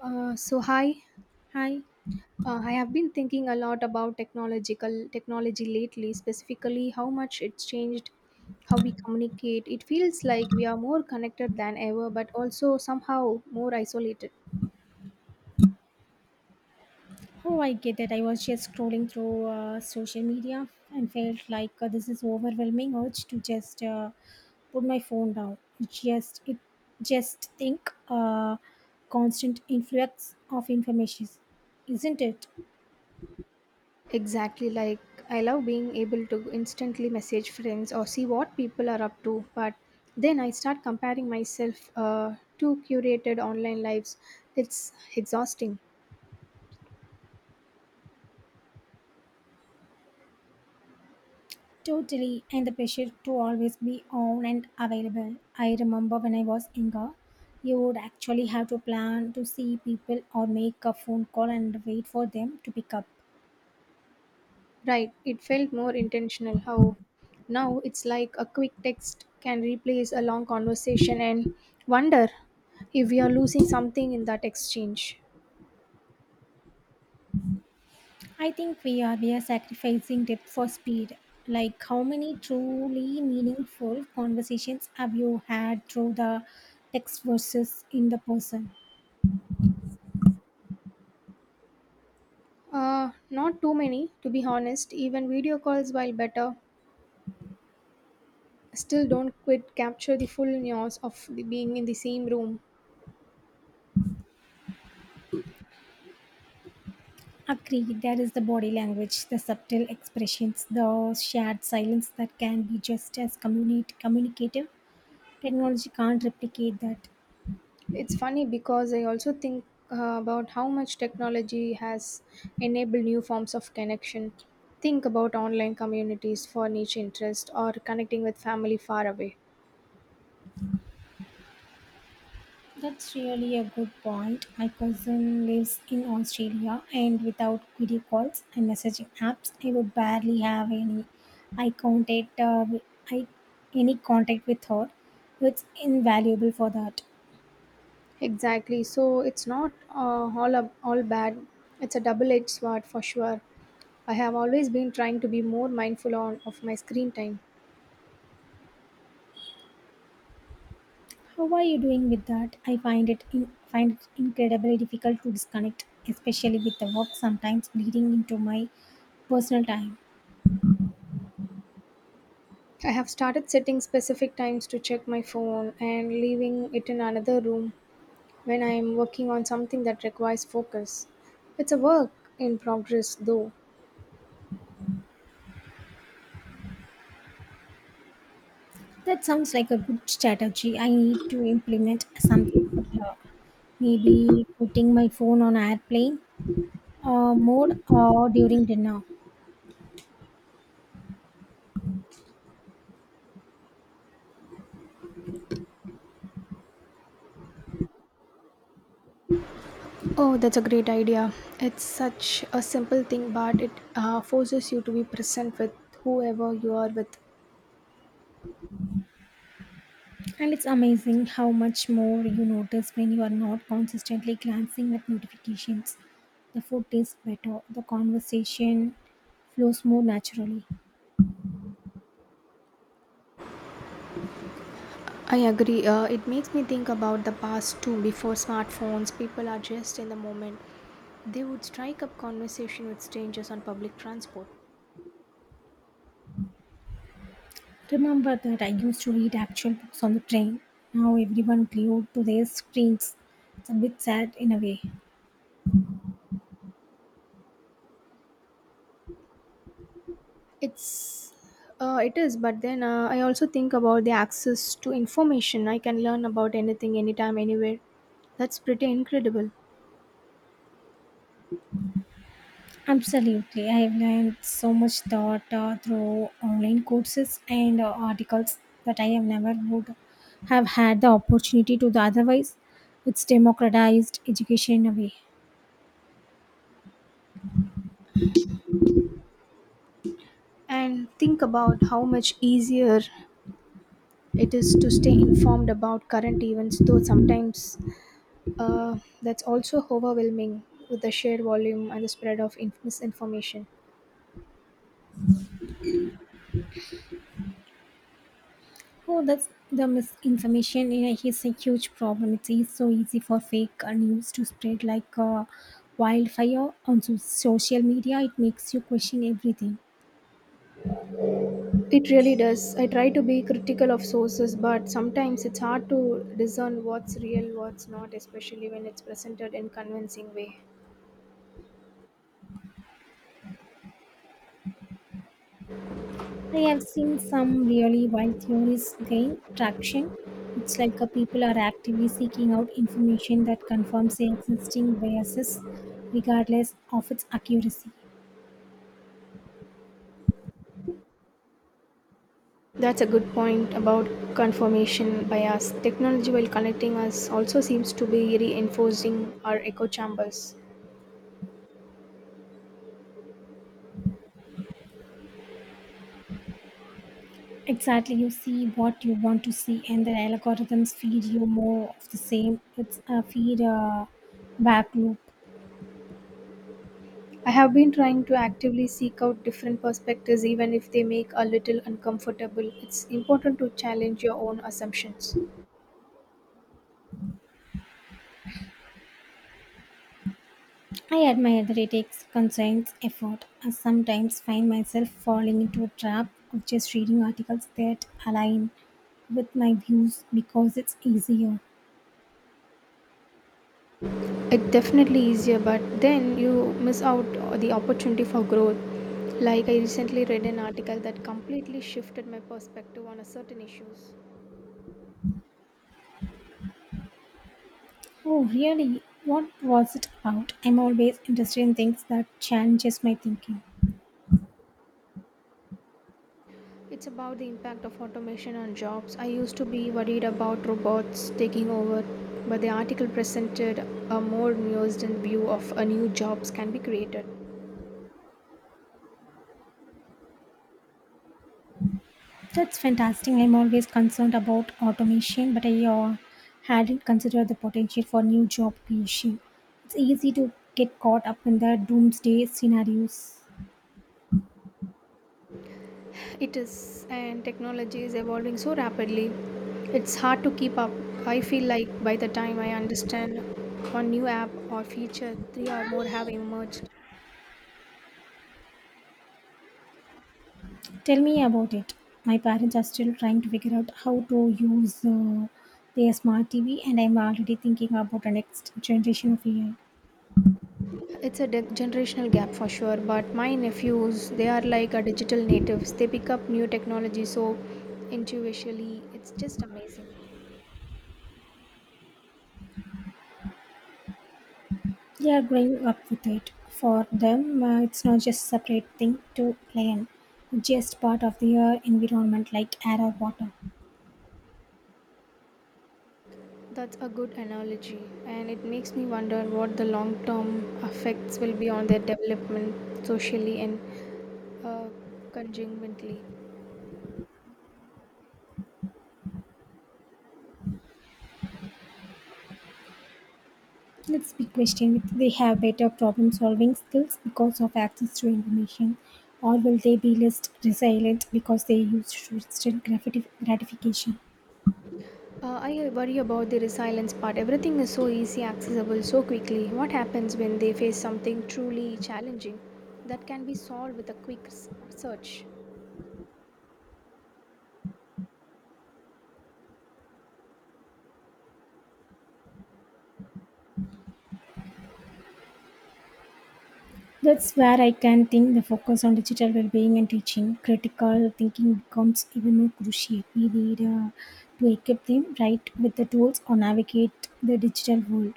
So hi, Hi. I have been thinking a lot about technological technology lately, specifically how much it's changed how we communicate. It feels like we are more connected than ever, but also somehow more isolated. Oh, I get that. I was just scrolling through social media and felt like this is overwhelming urge to just put my phone down. It just think constant influx of information, isn't it? Exactly, like, I love being able to instantly message friends or see what people are up to, but then I start comparing myself to curated online lives. It's exhausting. Totally, and the pressure to always be on and available. I remember when I was younger, you would actually have to plan to see people or make a phone call and wait for them to pick up. Right, it felt more intentional. How now it's like a quick text can replace a long conversation, and wonder if we are losing something in that exchange. I think we are sacrificing depth for speed. Like how many truly meaningful conversations have you had through the text versus in the person? Not too many, to be honest. Even video calls, while better, still don't quite capture the full nuance of the being in the same room. Agree, there is the body language, the subtle expressions, the shared silence that can be just as communicative. Technology can't replicate that. It's funny because I also think about how much technology has enabled new forms of connection. Think about online communities for niche interest or connecting with family far away. That's really a good point. My cousin lives in Australia, and without video calls and messaging apps, I would barely have any. I contact I any contact with her. It's invaluable for that. Exactly. So it's not all bad. It's a double-edged sword for sure. I have always been trying to be more mindful on of my screen time. How are you doing with that? I find it in, find it incredibly difficult to disconnect, especially with the work sometimes bleeding into my personal time. I have started setting specific times to check my phone and leaving it in another room when I am working on something that requires focus. It's a work in progress, though. That sounds like a good strategy. I need to implement something similar. Maybe putting my phone on airplane mode or during dinner. Oh, that's a great idea. It's such a simple thing, but it forces you to be present with whoever you are with. And it's amazing how much more you notice when you are not consistently glancing at notifications. The food tastes better, the conversation flows more naturally. I agree. It makes me think about the past too. Before smartphones, people are just in the moment. They would strike up conversation with strangers on public transport. Remember that I used to read actual books on the train. Now everyone glued to their screens. It's a bit sad in a way. It's it is, but then I also think about the access to information. I can learn about anything, anytime, anywhere. That's pretty incredible. Absolutely. I've learned so much thought through online courses and articles that I have never would have had the opportunity to the otherwise. It's democratized education in a way. And think about how much easier it is to stay informed about current events, though sometimes that's also overwhelming with the sheer volume and the spread of misinformation. Oh, that's the misinformation you know, is a huge problem. So easy for fake news to spread like wildfire on social media. It makes you question everything. It really does. I try to be critical of sources, but sometimes it's hard to discern what's real, what's not, especially when it's presented in convincing way. I have seen some really wild theories gain traction. It's like a people are actively seeking out information that confirms their existing biases, regardless of its accuracy. That's a good point about confirmation bias. Technology, while connecting us, also seems to be reinforcing our echo chambers. Exactly, you see what you want to see, and the algorithms feed you more of the same. It's a feed back loop. I have been trying to actively seek out different perspectives even if they make a little uncomfortable. It's important to challenge your own assumptions. I admire that it takes conscious effort. I sometimes find myself falling into a trap of just reading articles that align with my views because it's easier. It definitely easier, but then you miss out the opportunity for growth. Like, I recently read an article that completely shifted my perspective on a certain issues. Oh, really? What was it about? I'm always interested in things that challenges my thinking. It's about the impact of automation on jobs. I used to be worried about robots taking over, but the article presented a more nuanced view of a new jobs can be created. That's fantastic. I'm always concerned about automation, but I hadn't considered the potential for new job creation. It's easy to get caught up in the doomsday scenarios. It is, and technology is evolving so rapidly. It's hard to keep up. I feel like by the time I understand one new app or feature, three or more have emerged. Tell me about it. My parents are still trying to figure out how to use their smart TV, and I'm already thinking about the next generation of AI. It's a generational gap for sure, but my nephews, they are like a digital natives. They pick up new technology so intuitively. It's just amazing. They are growing up with it. For them, it's not just a separate thing to play in, it's just part of their environment like air or water. That's a good analogy, and it makes me wonder what the long term effects will be on their development socially and uh, conjunmentally. Let's be question with they have better problem solving skills because of access to information, or will they be less resilient because they use instant gratification? I worry about the resilience part. Everything is so easy, accessible, so quickly. What happens when they face something truly challenging that can be solved with a quick search? That's where I can think the focus on digital well-being and teaching. Critical thinking becomes even more crucial. We need to equip them right with the tools or navigate the digital world.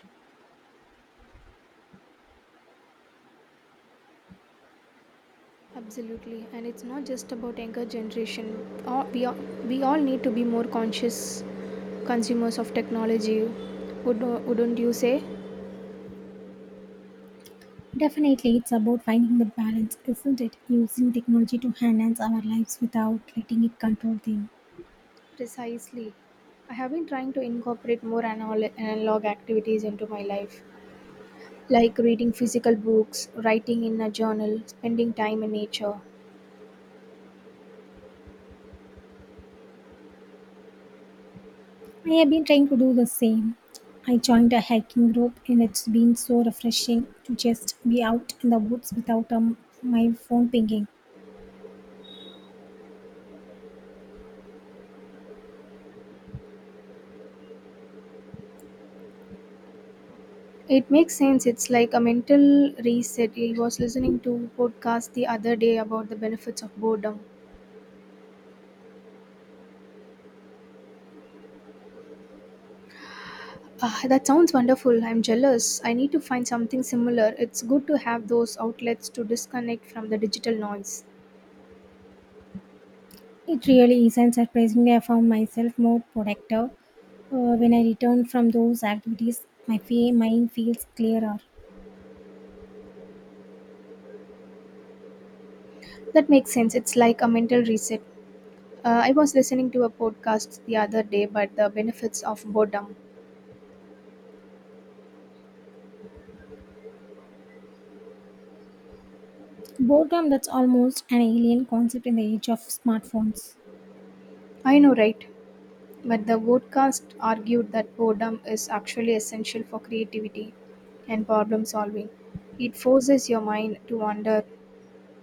Absolutely, and it's not just about younger generation. All, we all, we all need to be more conscious consumers of technology. Would, wouldn't you say? Definitely, it's about finding the balance, isn't it? Using technology to enhance our lives without letting it control them. Precisely. I have been trying to incorporate more analog activities into my life, like reading physical books, writing in a journal, spending time in nature. I have been trying to do the same. I joined a hiking group, and it's been so refreshing to just be out in the woods without my phone pinging. It makes sense. It's like a mental reset. I was listening to podcast the other day about the benefits of boredom. Ah, that sounds wonderful. I'm jealous. I need to find something similar. It's good to have those outlets to disconnect from the digital noise. It really is, and surprisingly, I found myself more productive when I return from those activities. My mind feels clearer. That makes sense. It's like a mental reset. I was listening to a podcast the other day about the benefits of boredom. Boredom that's almost an alien concept in the age of smartphones. I know, right? But the podcast argued that boredom is actually essential for creativity and problem solving. It forces your mind to wander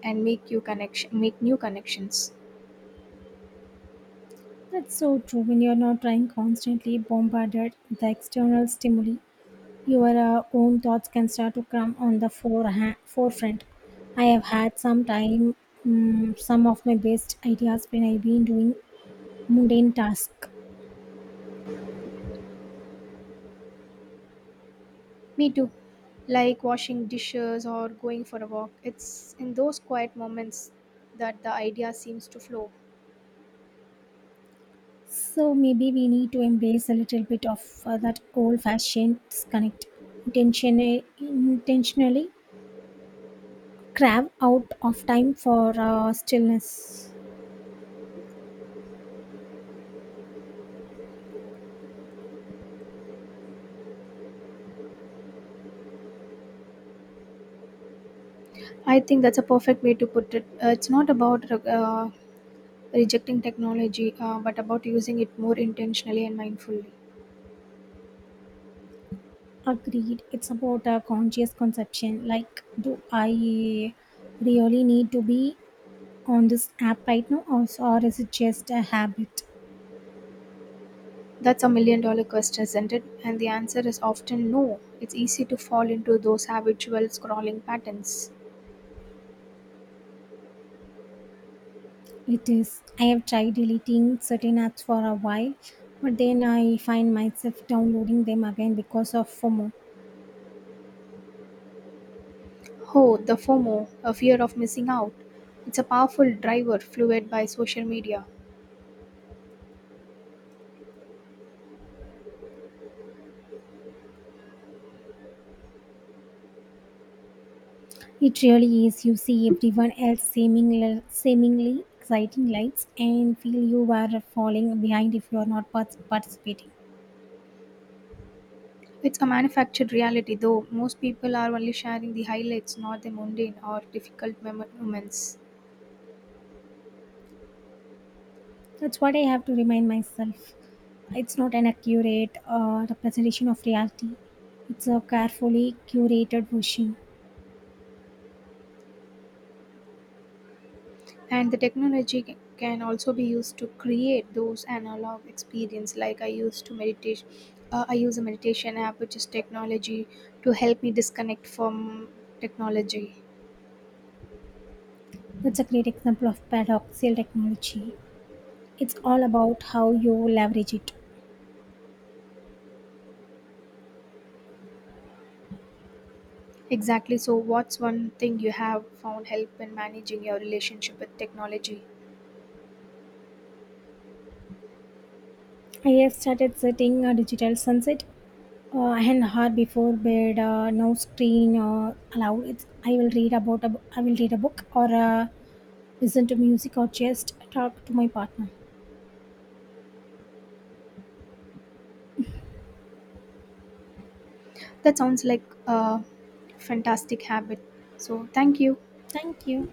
and make new connections. That's so true. When you're not trying constantly bombarded with the external stimuli, your own thoughts can start to come on the forefront. I have had some some of my best ideas when I've been doing mundane tasks. Me too. Like washing dishes or going for a walk. It's in those quiet moments that the idea seems to flow. So maybe we need to embrace a little bit of that old-fashioned disconnect, intentionally carve out of time for stillness. I think that's a perfect way to put it. It's not about rejecting technology, but about using it more intentionally and mindfully. Agreed. It's about a conscious conception. Like, do I really need to be on this app right now, or is it just a habit? That's a million dollar question, isn't it? And the answer is often no. It's easy to fall into those habitual scrolling patterns. It is. I have tried deleting certain apps for a while, but then I find myself downloading them again because of FOMO. Oh, the FOMO, a fear of missing out. It's a powerful driver fueled by social media. It really is. You see everyone else seemingly exciting lights, and feel you are falling behind if you are not participating. It's a manufactured reality, though most people are only sharing the highlights, not the mundane or difficult moments. That's what I have to remind myself. It's not an accurate representation of reality, it's a carefully curated version. And the technology can also be used to create those analog experience. Like, I used to meditate, I use a meditation app, which is technology, to help me disconnect from technology. That's a great example of paradoxical technology. It's all about how you leverage it. Exactly. So, what's one thing you have found help in managing your relationship with technology? I have started setting a digital sunset and hour before bed no screen allowed it's, I will read about a, I will read a book or listen to music or just talk to my partner That sounds like a fantastic habit. So, thank you. thank you